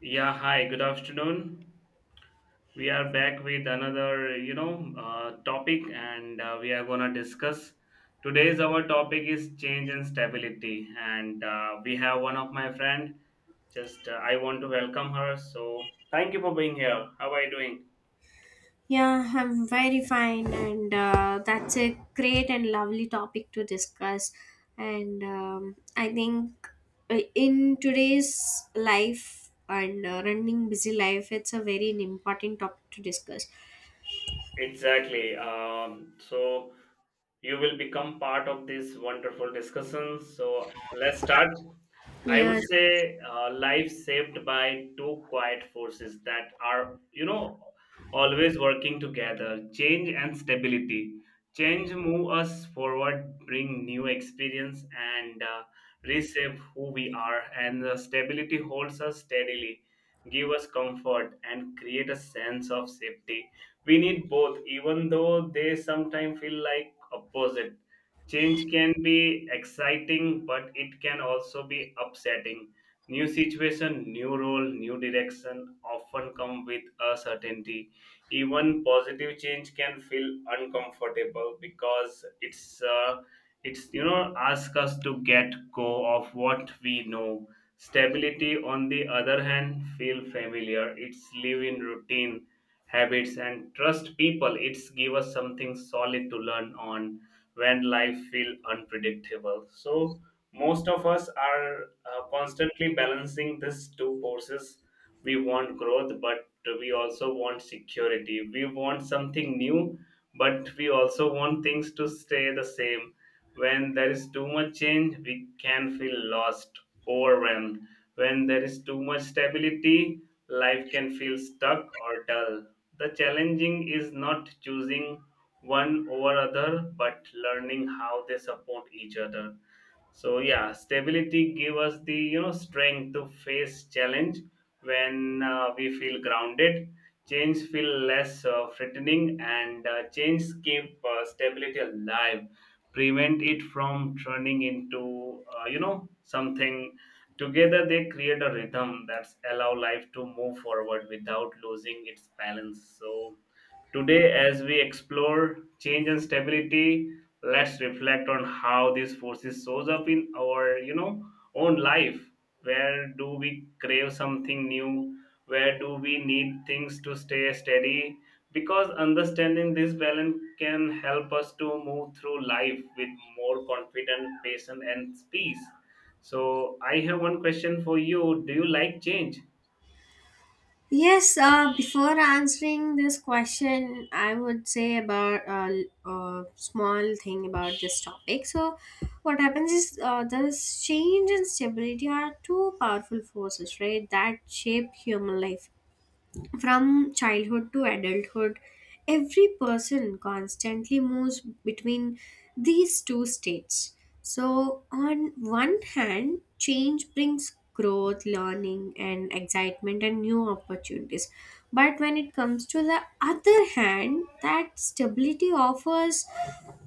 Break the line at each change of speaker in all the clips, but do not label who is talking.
Yeah, hi, good afternoon. We are back with another, topic and we are going to discuss. Today's our topic is change and stability and we have one of my friend just I want to welcome her. So, thank you for being here. How are you doing?
Yeah, I'm very fine, and that's a great and lovely topic to discuss. And I think In today's life and running busy life, it's a very important topic to discuss.
Exactly. So you will become part of this wonderful discussion. So, let's start. I would
Yeah,
say life saved by two quiet forces that are, you know, always working together change and stability. Change move us forward, bring new experience, and reshape who we are. And stability holds us steadily, give us comfort, and create a sense of safety. We need both, even though they sometimes feel like opposite. Change can be exciting, but it can also be upsetting. New situation, new role, new direction often come with uncertainty. Even positive change can feel uncomfortable because it's you know ask us to get go of what we know. Stability, on the other hand, feel familiar. It's live in routine habits and trust people. It's give us something solid to learn on when life feel unpredictable. So most of us are constantly balancing these two forces. We want growth but we also want security. We want something new but we also want things to stay the same. When there is too much change we can feel lost, overwhelmed. When there is too much stability life can feel stuck or dull. The challenging is not choosing one over other but learning how they support each other. So yeah, stability give us the you know strength to face challenge. When we feel grounded, change feel less threatening, and change keep stability alive, prevent it from turning into you know something. Together they create a rhythm that's allow life to move forward without losing its balance. So today, as we explore change and stability, let's reflect on how these forces shows up in our, you know, own life. Where do we crave something new? Where do we need things to stay steady? Because understanding this balance can help us to move through life with more confidence, patience, and peace. So, I have one question for you. Do you like change?
yes, before answering this question, I would say about a small thing about this topic. So, what happens is this change and stability are two powerful forces, right, that shape human life. From childhood to adulthood, every person constantly moves between these two states. So, on one hand, change brings growth, learning, and excitement and new opportunities. But when it comes to the other hand, that stability offers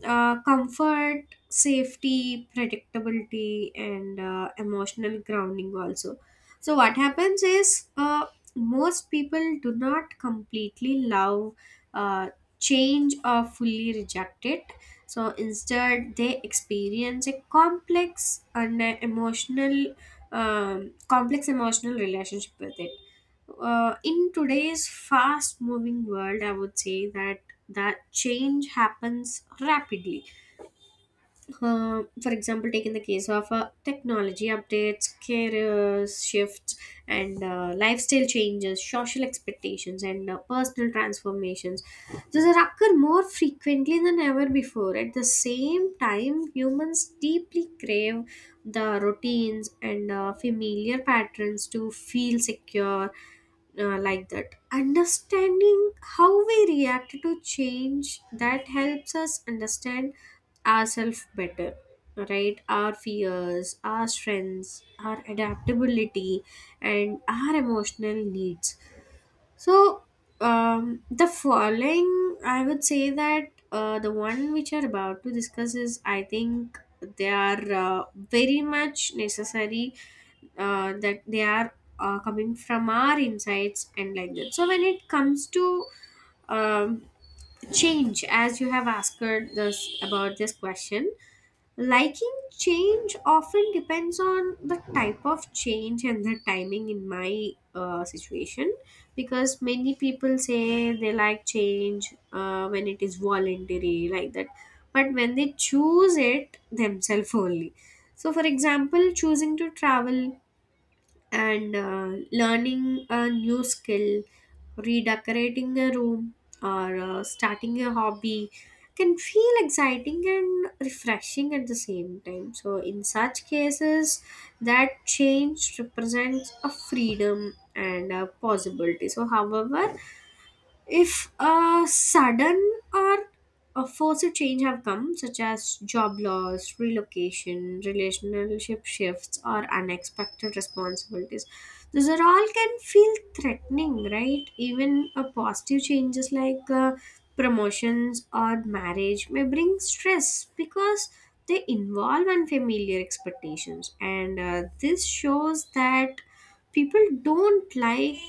comfort, safety, predictability, and emotional grounding also. So, what happens is most people do not completely love uh, change or fully reject it, so instead they experience a complex and a emotional complex emotional relationship with it. In today's fast moving world, I would say that change happens rapidly. For example, taking the case of technology updates, career shifts, and lifestyle changes, social expectations, and personal transformations. These are occur more frequently than ever before. At the same time, humans deeply crave the routines and familiar patterns to feel secure, like that. Understanding how we react to change that helps us understand ourselves better, right? Our fears, our strengths, our adaptability, and our emotional needs. So the following, I would say that the one which are about to discuss is, I think, they are very much necessary, that they are coming from our insights and like that. So when it comes to um, change, as you have asked this about this question, liking change often depends on the type of change and the timing in my situation, because many people say they like change when it is voluntary, like that, but when they choose it themselves only. So, for example, choosing to travel, and learning a new skill, redecorating a room, or starting a hobby can feel exciting and refreshing at the same time. So in such cases, that change represents a freedom and a possibility. So however, if a sudden or a forced change have come, such as job loss, relocation, relationship shifts, or unexpected responsibilities, these are all can feel threatening, right? Even a positive changes like promotions or marriage may bring stress because they involve unfamiliar expectations, and this shows that people don't like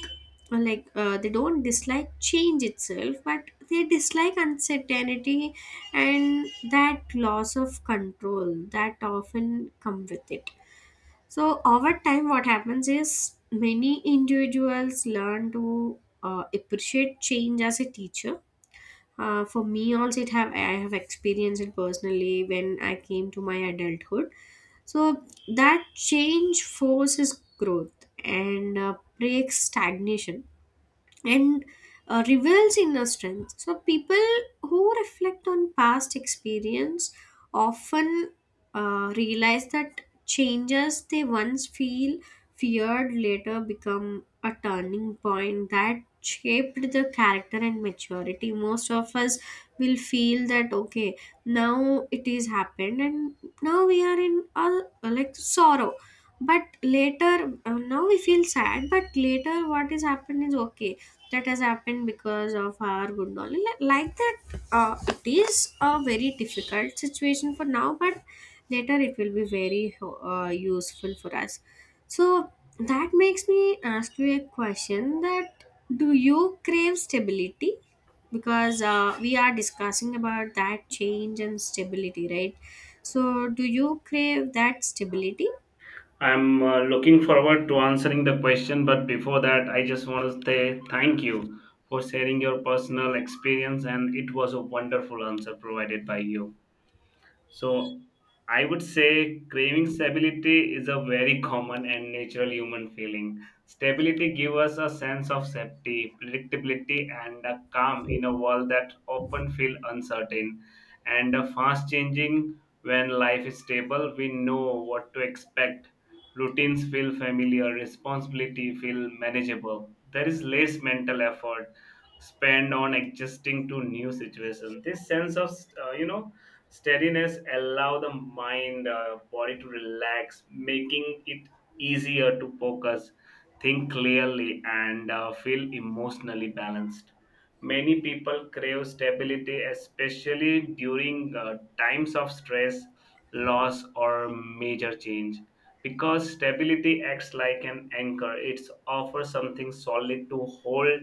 they don't dislike change itself, but they dislike uncertainty and that loss of control that often come with it. So over time what happens is many individuals learn to appreciate change as a teacher. For me also, it have I have experienced it personally when I came to my adulthood. So that change forces growth and breaks stagnation and reveals inner strength. So, people who reflect on past experience often realize that changes they once feel feared later become a turning point that shaped the character and maturity. Most of us will feel that okay, now it is happened, and now we are in a like sorrow, but later, now we feel sad, but later what is happened is okay, that has happened because of our good knowledge. Like that, it is a very difficult situation for now, but later it will be very useful for us. So that makes me ask you a question, that do you crave stability? Because we are discussing about that change and stability, right? So do you crave that stability?
I'm looking forward to answering the question, but before that, I just want to say thank you for sharing your personal experience, and it was a wonderful answer provided by you. So I would say craving stability is a very common and natural human feeling. Stability gives us a sense of safety, predictability, and a calm in a world that often feel uncertain and a fast changing. When life is stable, we know what to expect. Routines feel familiar, responsibility feel manageable. There is less mental effort spent on adjusting to new situations. This sense of uh, you know steadiness allow the mind, body to relax, making it easier to focus, think clearly, and feel emotionally balanced. Many people crave stability, especially during times of stress, loss, or major change. Because stability acts like an anchor, it offers something solid to hold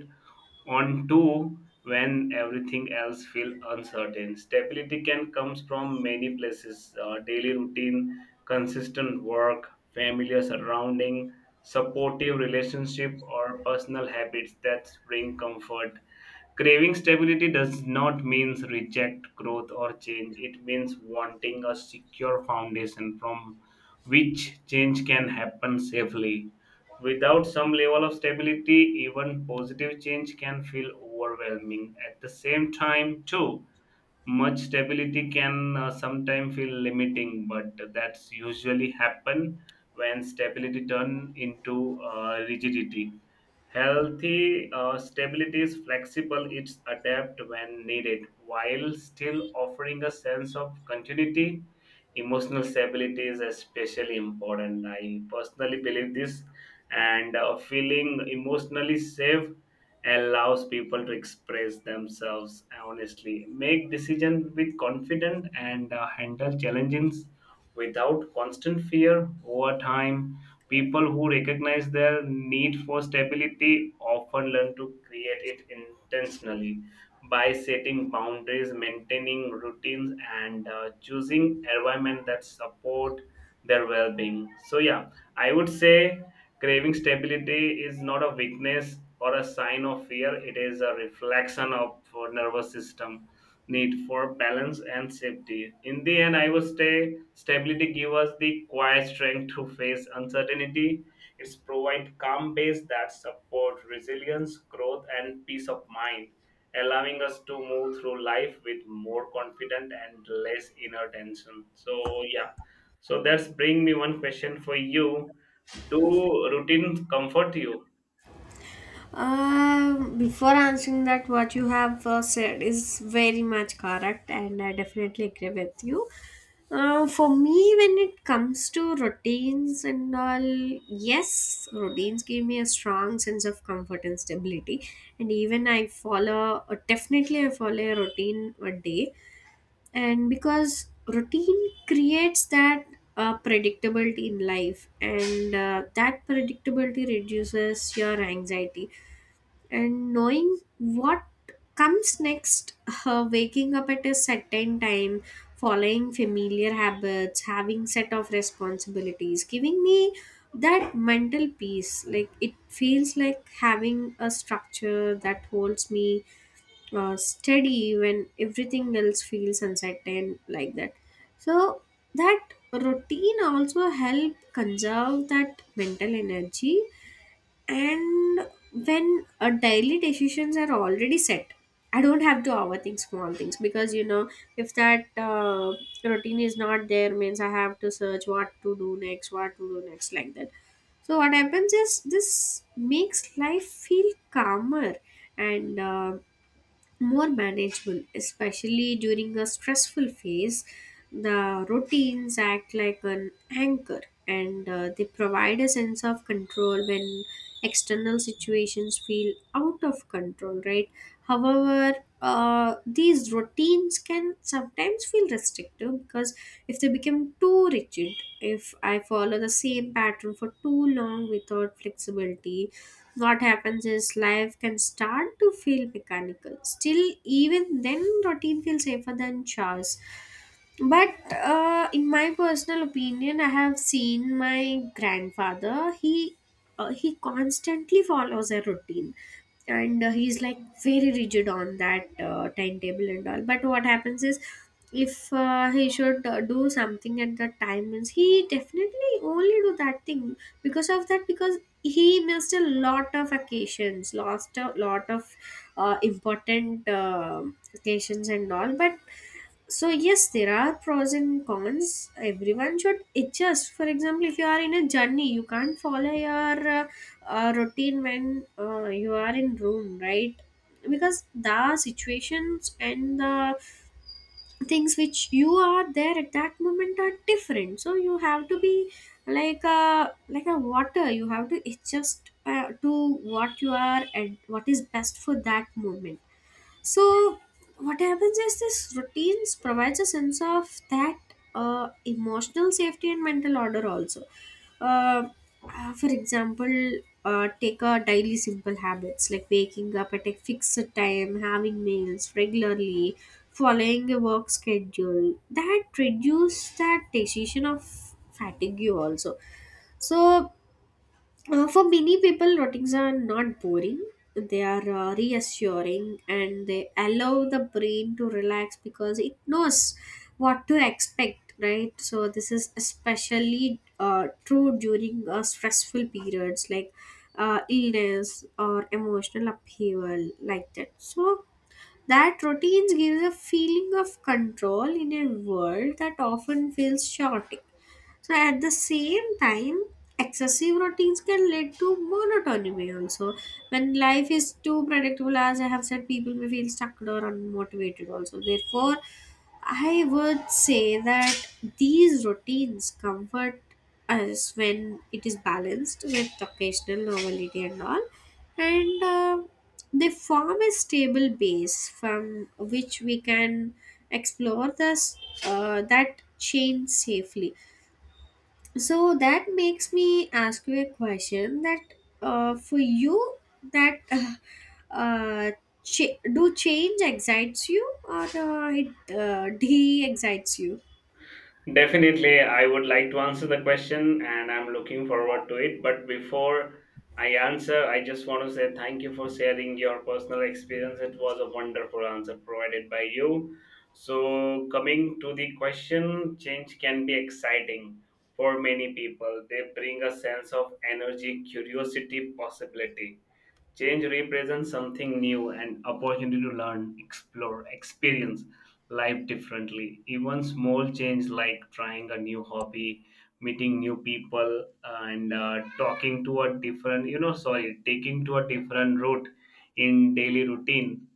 on to when everything else feels uncertain. Stability can comes from many places, daily routine, consistent work, familiar surrounding, supportive relationship, or personal habits that bring comfort. Craving stability does not mean reject growth or change. It means wanting a secure foundation from which change can happen safely. Without some level of stability, even positive change can feel overwhelming. At the same time, too much stability can sometimes feel limiting, but that's usually happen when stability turn into rigidity. Healthy stability is flexible, it's adapt when needed while still offering a sense of continuity. Emotional stability is especially important, I personally believe this, and feeling emotionally safe allows people to express themselves honestly, make decisions with confidence, and handle challenges without constant fear over time. People who recognize their need for stability often learn to create it intentionally by setting boundaries, maintaining routines, and choosing environment that support their well-being. So yeah, I would say craving stability is not a weakness or a sign of fear, it is a reflection of our nervous system need for balance and safety. In the end, I would say stability gives us the quiet strength to face uncertainty. It's provide calm base that support resilience, growth, and peace of mind, allowing us to move through life with more confident and less inner tension. So yeah. So that's bring me one question for you. Do routine comfort you?
Before answering that, what you have said is very much correct, and I definitely agree with you. For me, when it comes to routines and all, yes, routines give me a strong sense of comfort and stability. And even I follow, definitely, I follow a routine a day. And because routine creates that predictability in life, and that predictability reduces your anxiety, and knowing what comes next, waking up at a certain time, following familiar habits, having set of responsibilities, giving me that mental peace. Like, it feels like having a structure that holds me steady when everything else feels uncertain, like that. So that routine also help conserve that mental energy. And when daily decisions are already set, I don't have to overthink small things, because you know, if that routine is not there means, I have to search what to do next, what to do next, like that. So what happens is this makes life feel calmer and more manageable, especially during a stressful phase. The routines act like an anchor, and they provide a sense of control when external situations feel out of control, right? However, these routines can sometimes feel restrictive because if they become too rigid, if I follow the same pattern for too long without flexibility, what happens is life can start to feel mechanical. Still, even then, routine feels safer than chores. But in my personal opinion, I have seen my grandfather. He constantly follows a routine, and he's like very rigid on that timetable and all, but what happens is if he should do something at that time means, he definitely only do that thing because of that, because he missed a lot of occasions, lost a lot of important occasions and all. But so yes, there are pros and cons. Everyone should adjust. For example, if you are in a journey, you can't follow your routine when you are in room, right? Because the situations and the things which you are there at that moment are different, so you have to be like a water. You have to adjust to what you are and what is best for that moment. So what happens is this routines provides a sense of that emotional safety and mental order also. Uh, for example, take a daily simple habits like waking up at a fixed time, having meals regularly, following a work schedule. That reduce that decision of fatigue you also. So for many people, routines are not boring. They are reassuring, and they allow the brain to relax because it knows what to expect, right? So, this is especially true during stressful periods like illness or emotional upheaval, like that. So, that routines gives a feeling of control in a world that often feels chaotic. So at the same time, excessive routines can lead to monotony also. When life is too predictable, as I have said, people may feel stuck or unmotivated also. Therefore, I would say that these routines comfort us when it is balanced with occasional novelty and all. And they form a stable base from which we can explore this that chain safely. So that makes me ask you a question, that for you, that uh, do change excites you, or it de-excites you?
Definitely, I would like to answer the question and I'm looking forward to it. But before I answer, I just want to say thank you for sharing your personal experience. It was a wonderful answer provided by you. So, coming to the question, change can be exciting for many people. They bring a sense of energy, curiosity, possibility. Change represents something new, an opportunity to learn, explore, experience life differently. Even small change like trying a new hobby, meeting new people, and talking to a different, you know, sorry, taking to a different route in daily routine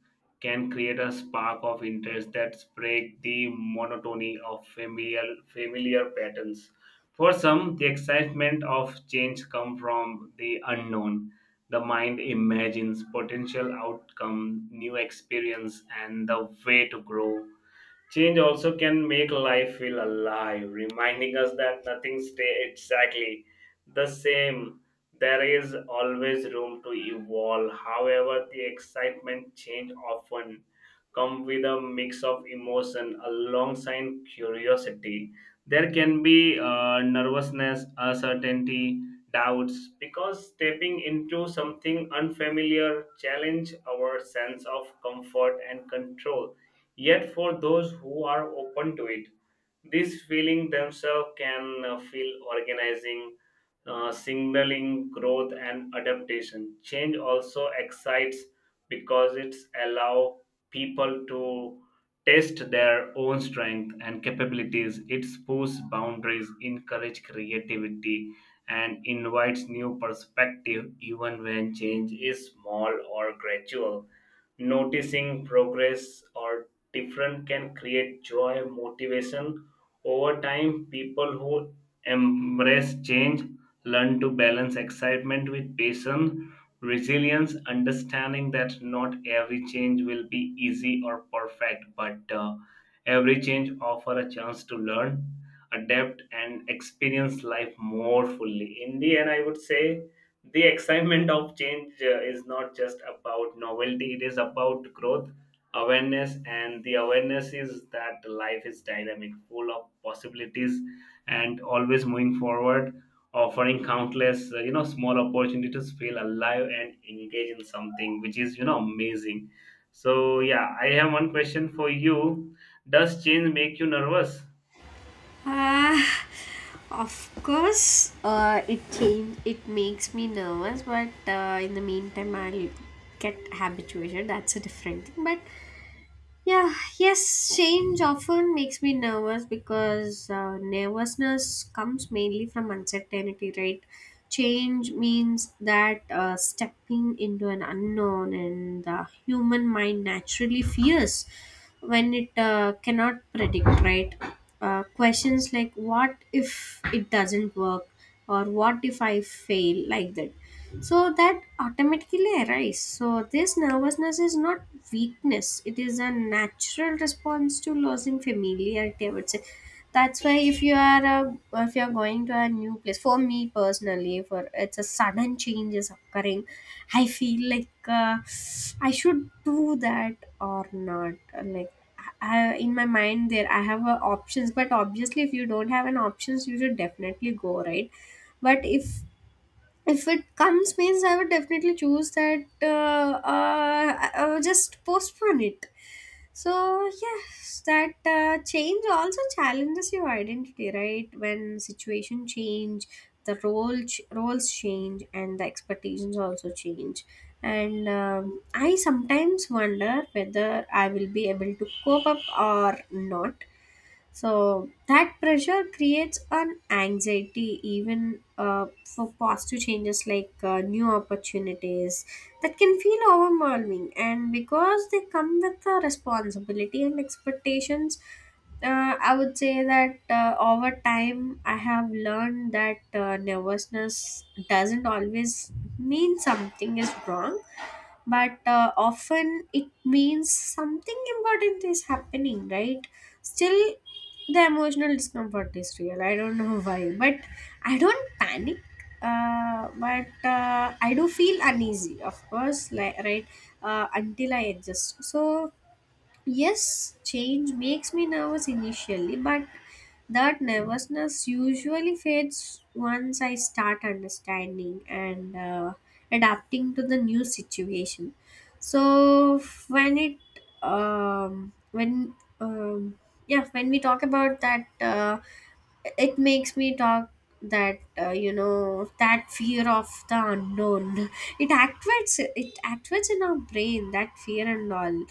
can create a spark of interest that break the monotony of familiar patterns. For some, the excitement of change comes from the unknown. The mind imagines potential outcome, new experience, and the way to grow. Change also can make life feel alive, reminding us that nothing stays exactly the same. There is always room to evolve. However, the excitement change often come with a mix of emotion alongside curiosity. There can be nervousness, uncertainty, doubts because stepping into something unfamiliar challenge our sense of comfort and control. Yet for those who are open to it, these feeling themselves can feel organizing, signaling growth and adaptation. Change also excites because it allows people to test their own strength and capabilities. It pushes boundaries, encourage creativity, and invites new perspective even when change is small or gradual. Noticing progress or different can create joy, motivation, over time, people who embrace change learn to balance excitement with patience, resilience, understanding that not every change will be easy or perfect, but every change offers a chance to learn, adapt, and experience life more fully. In the end, I would say the excitement of change is not just about novelty, it is about growth awareness, and the awareness is that life is dynamic, full of possibilities and always moving forward, offering countless small opportunities to feel alive and engage in something which is you know amazing. So yeah, I have one question for you. Does change make you nervous?
Ah, of course, it makes me nervous, but in the meantime, I'll get habituated. That's a different thing. But yeah, yes, change often makes me nervous because nervousness comes mainly from uncertainty, right? Change means that stepping into an unknown, and the human mind naturally fears when it cannot predict, right? Questions like what if it doesn't work or what if I fail, like that, so that automatically arises. So this nervousness is not weakness, it is a natural response to losing familiarity, I would say. That's why if you are a, if you are going to a new place, for me personally, for it's a sudden change is occurring, I feel like I should do that or not. Like, I, in my mind there I have options, but obviously if you don't have an options, you should definitely go, right? But if it comes means, I would definitely choose that I would just postpone it. So yes, that change also challenges your identity, right? When situation change, the roles change, and the expectations also change. And I sometimes wonder whether I will be able to cope up or not. So that pressure creates an anxiety even for positive changes like new opportunities that can feel overwhelming. And because they come with a responsibility and expectations, I would say that over time I have learned that nervousness doesn't always mean something is wrong, but often it means something important is happening, right? Still, the emotional discomfort is real. I don't know why, but I don't panic. But I do feel uneasy, of course, like, right, until I adjust. So yes, change makes me nervous initially, but that nervousness usually fades once I start understanding and adapting to the new situation. So when it um, when um, yeah when we talk about that, it makes me talk that, uh, that fear of the unknown it activates in our brain, that fear and all,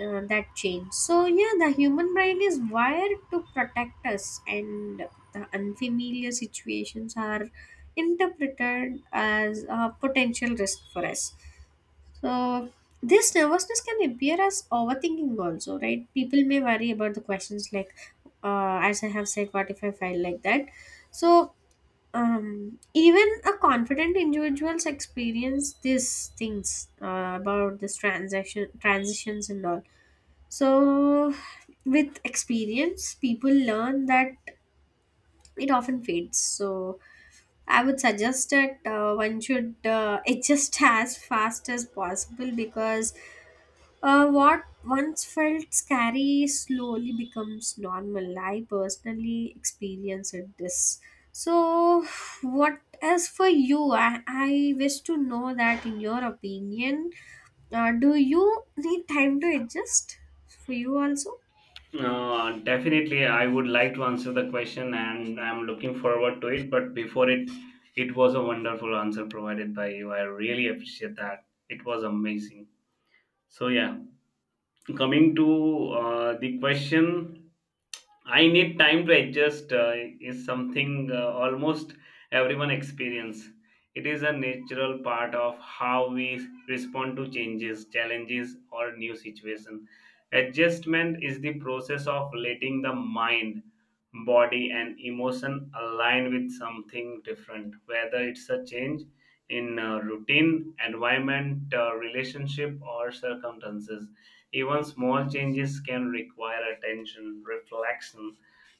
that change. So yeah, the human brain is wired to protect us, and the unfamiliar situations are interpreted as a potential risk for us. So this nervousness can appear as overthinking also, right? People may worry about the questions like, as I have said, what if I fail, like that? So even a confident individuals experience these things about this transaction transitions and all. So, with experience, people learn that it often fades. So, I would suggest that one should adjust as fast as possible, because what once felt scary slowly becomes normal. I personally experienced this. So, what as for you, I wish to know that in your opinion, do you need time to adjust, for you also?
Definitely I would like to answer the question and I'm looking forward to it, but before it, it was a wonderful answer provided by you, I really appreciate that, it was amazing. So yeah, coming to the question, I need time to adjust is something almost everyone experience. It is a natural part of how we respond to changes, challenges, or new situation. Adjustment is the process of letting the mind, body, and emotion align with something different, whether it's a change in routine, environment, relationship, or circumstances. Even small changes can require attention, reflection,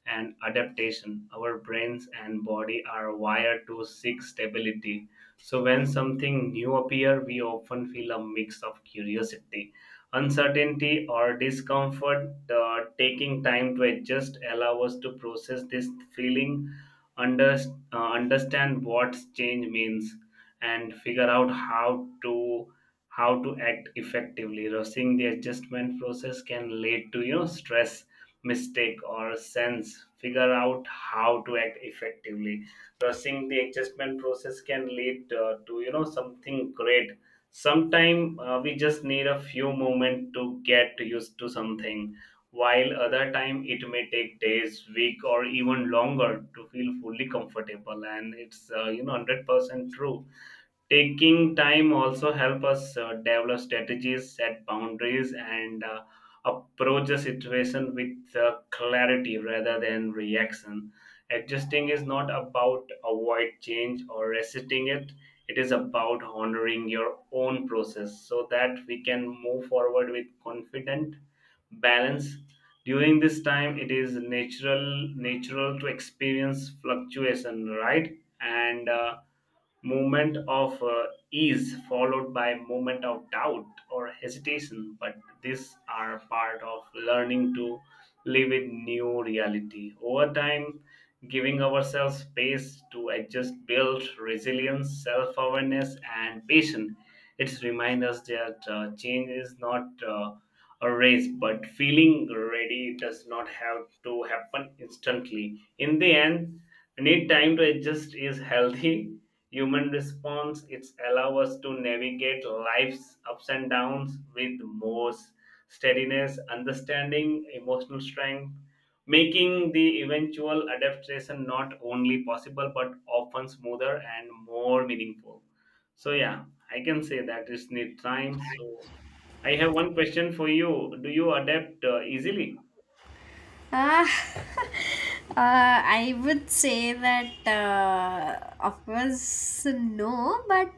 and adaptation. Our brains and body are wired to seek stability. So when something new appears, we often feel a mix of curiosity, uncertainty, or discomfort. The taking time to adjust allow us to process this feeling, under, understand what change means, and figure out how to act effectively. Rushing the adjustment process can lead to you know stress, mistake, or sense. Figure out how to act effectively. Rushing the adjustment process can lead to you know something great. Sometimes we just need a few moments to get used to something, while other time it may take days, week, or even longer to feel fully comfortable. And it's you know 100% true. Taking time also help us develop strategies, set boundaries, and approach the situation with clarity rather than reaction. Adjusting is not about avoid change or resisting it, it is about honoring your own process so that we can move forward with confidence, balance. During this time it is natural to experience fluctuation, right? And moment of ease followed by moment of doubt or hesitation, but these are part of learning to live in new reality. Over time, giving ourselves space to adjust build resilience, self-awareness, and patience. It's remind us that change is not a race, but feeling ready does not have to happen instantly. In the end, need time to adjust is healthy human response. It's allow us to navigate life's ups and downs with more steadiness, understanding, emotional strength, making the eventual adaptation not only possible but often smoother and more meaningful. So yeah, I can say that it's need time. So I have one question for you. Do you adapt easily?
Ah, I would say that, of course, no, but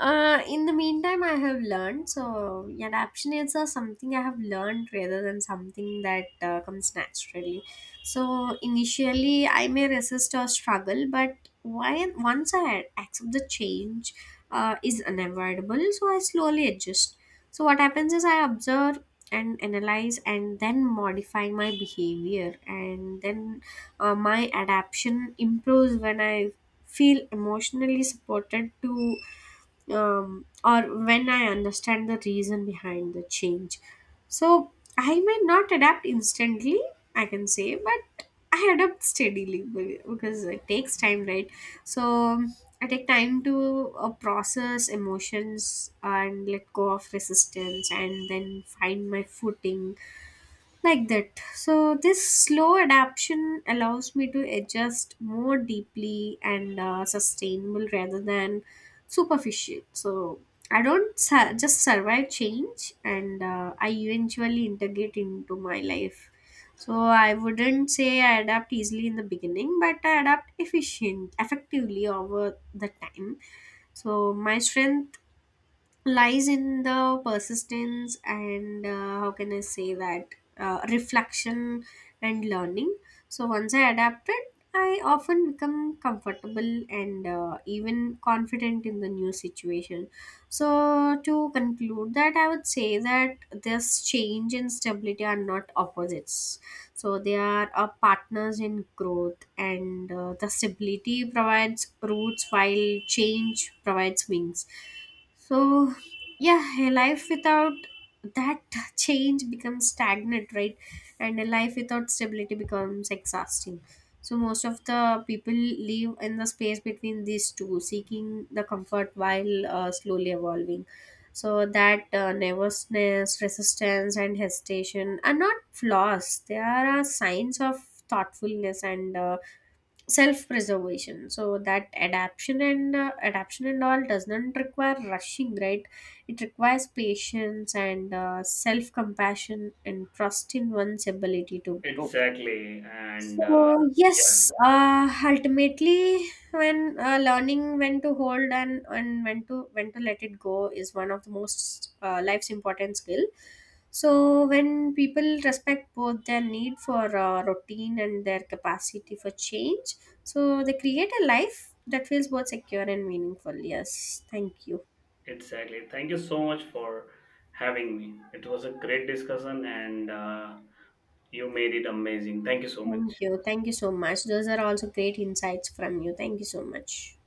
in the meantime, I have learned. So, yeah, adaptation is something I have learned rather than something that comes naturally. So, initially, I may resist or struggle, but why, once I accept the change is unavoidable, so I slowly adjust. So, what happens is I observe and analyze and then modify my behavior, and then my adaptation improves when I feel emotionally supported to or when I understand the reason behind the change. So I may not adapt instantly, I can say, but I adapt steadily because it takes time, right? So I take time to process emotions and let go of resistance and then find my footing, like that. So this slow adaptation allows me to adjust more deeply and sustainable rather than superficial. So I don't su- just survive change and I eventually integrate into my life. So I wouldn't say I adapt easily in the beginning, but I adapt efficient effectively over the time. So my strength lies in the persistence and, how can I say that, reflection and learning. So once I adapted, I often become comfortable and even confident in the new situation. So to conclude that, I would say that this change and stability are not opposites. So they are partners in growth, and the stability provides roots while change provides wings. So yeah, a life without that change becomes stagnant, right? And a life without stability becomes exhausting. So most of the people live in the space between these two, seeking the comfort while slowly evolving. So that nervousness, resistance and hesitation are not flaws, they are a signs of thoughtfulness and, self preservation. So that adaptation and all does not require rushing, right? It requires patience and self compassion and trust in one's ability to grow.
Exactly. And
So yes, ultimately, when learning when to hold and when to let it go is one of the most life's important skill. So when people respect both their need for routine and their capacity for change, so they create a life that feels both secure and meaningful. Yes, thank you,
yeah, exactly. Thank you so much for having me. It was a great discussion and you made it amazing. Thank you so
thank
much.
you, thank you so much. Those are also great insights from you. Thank you so much.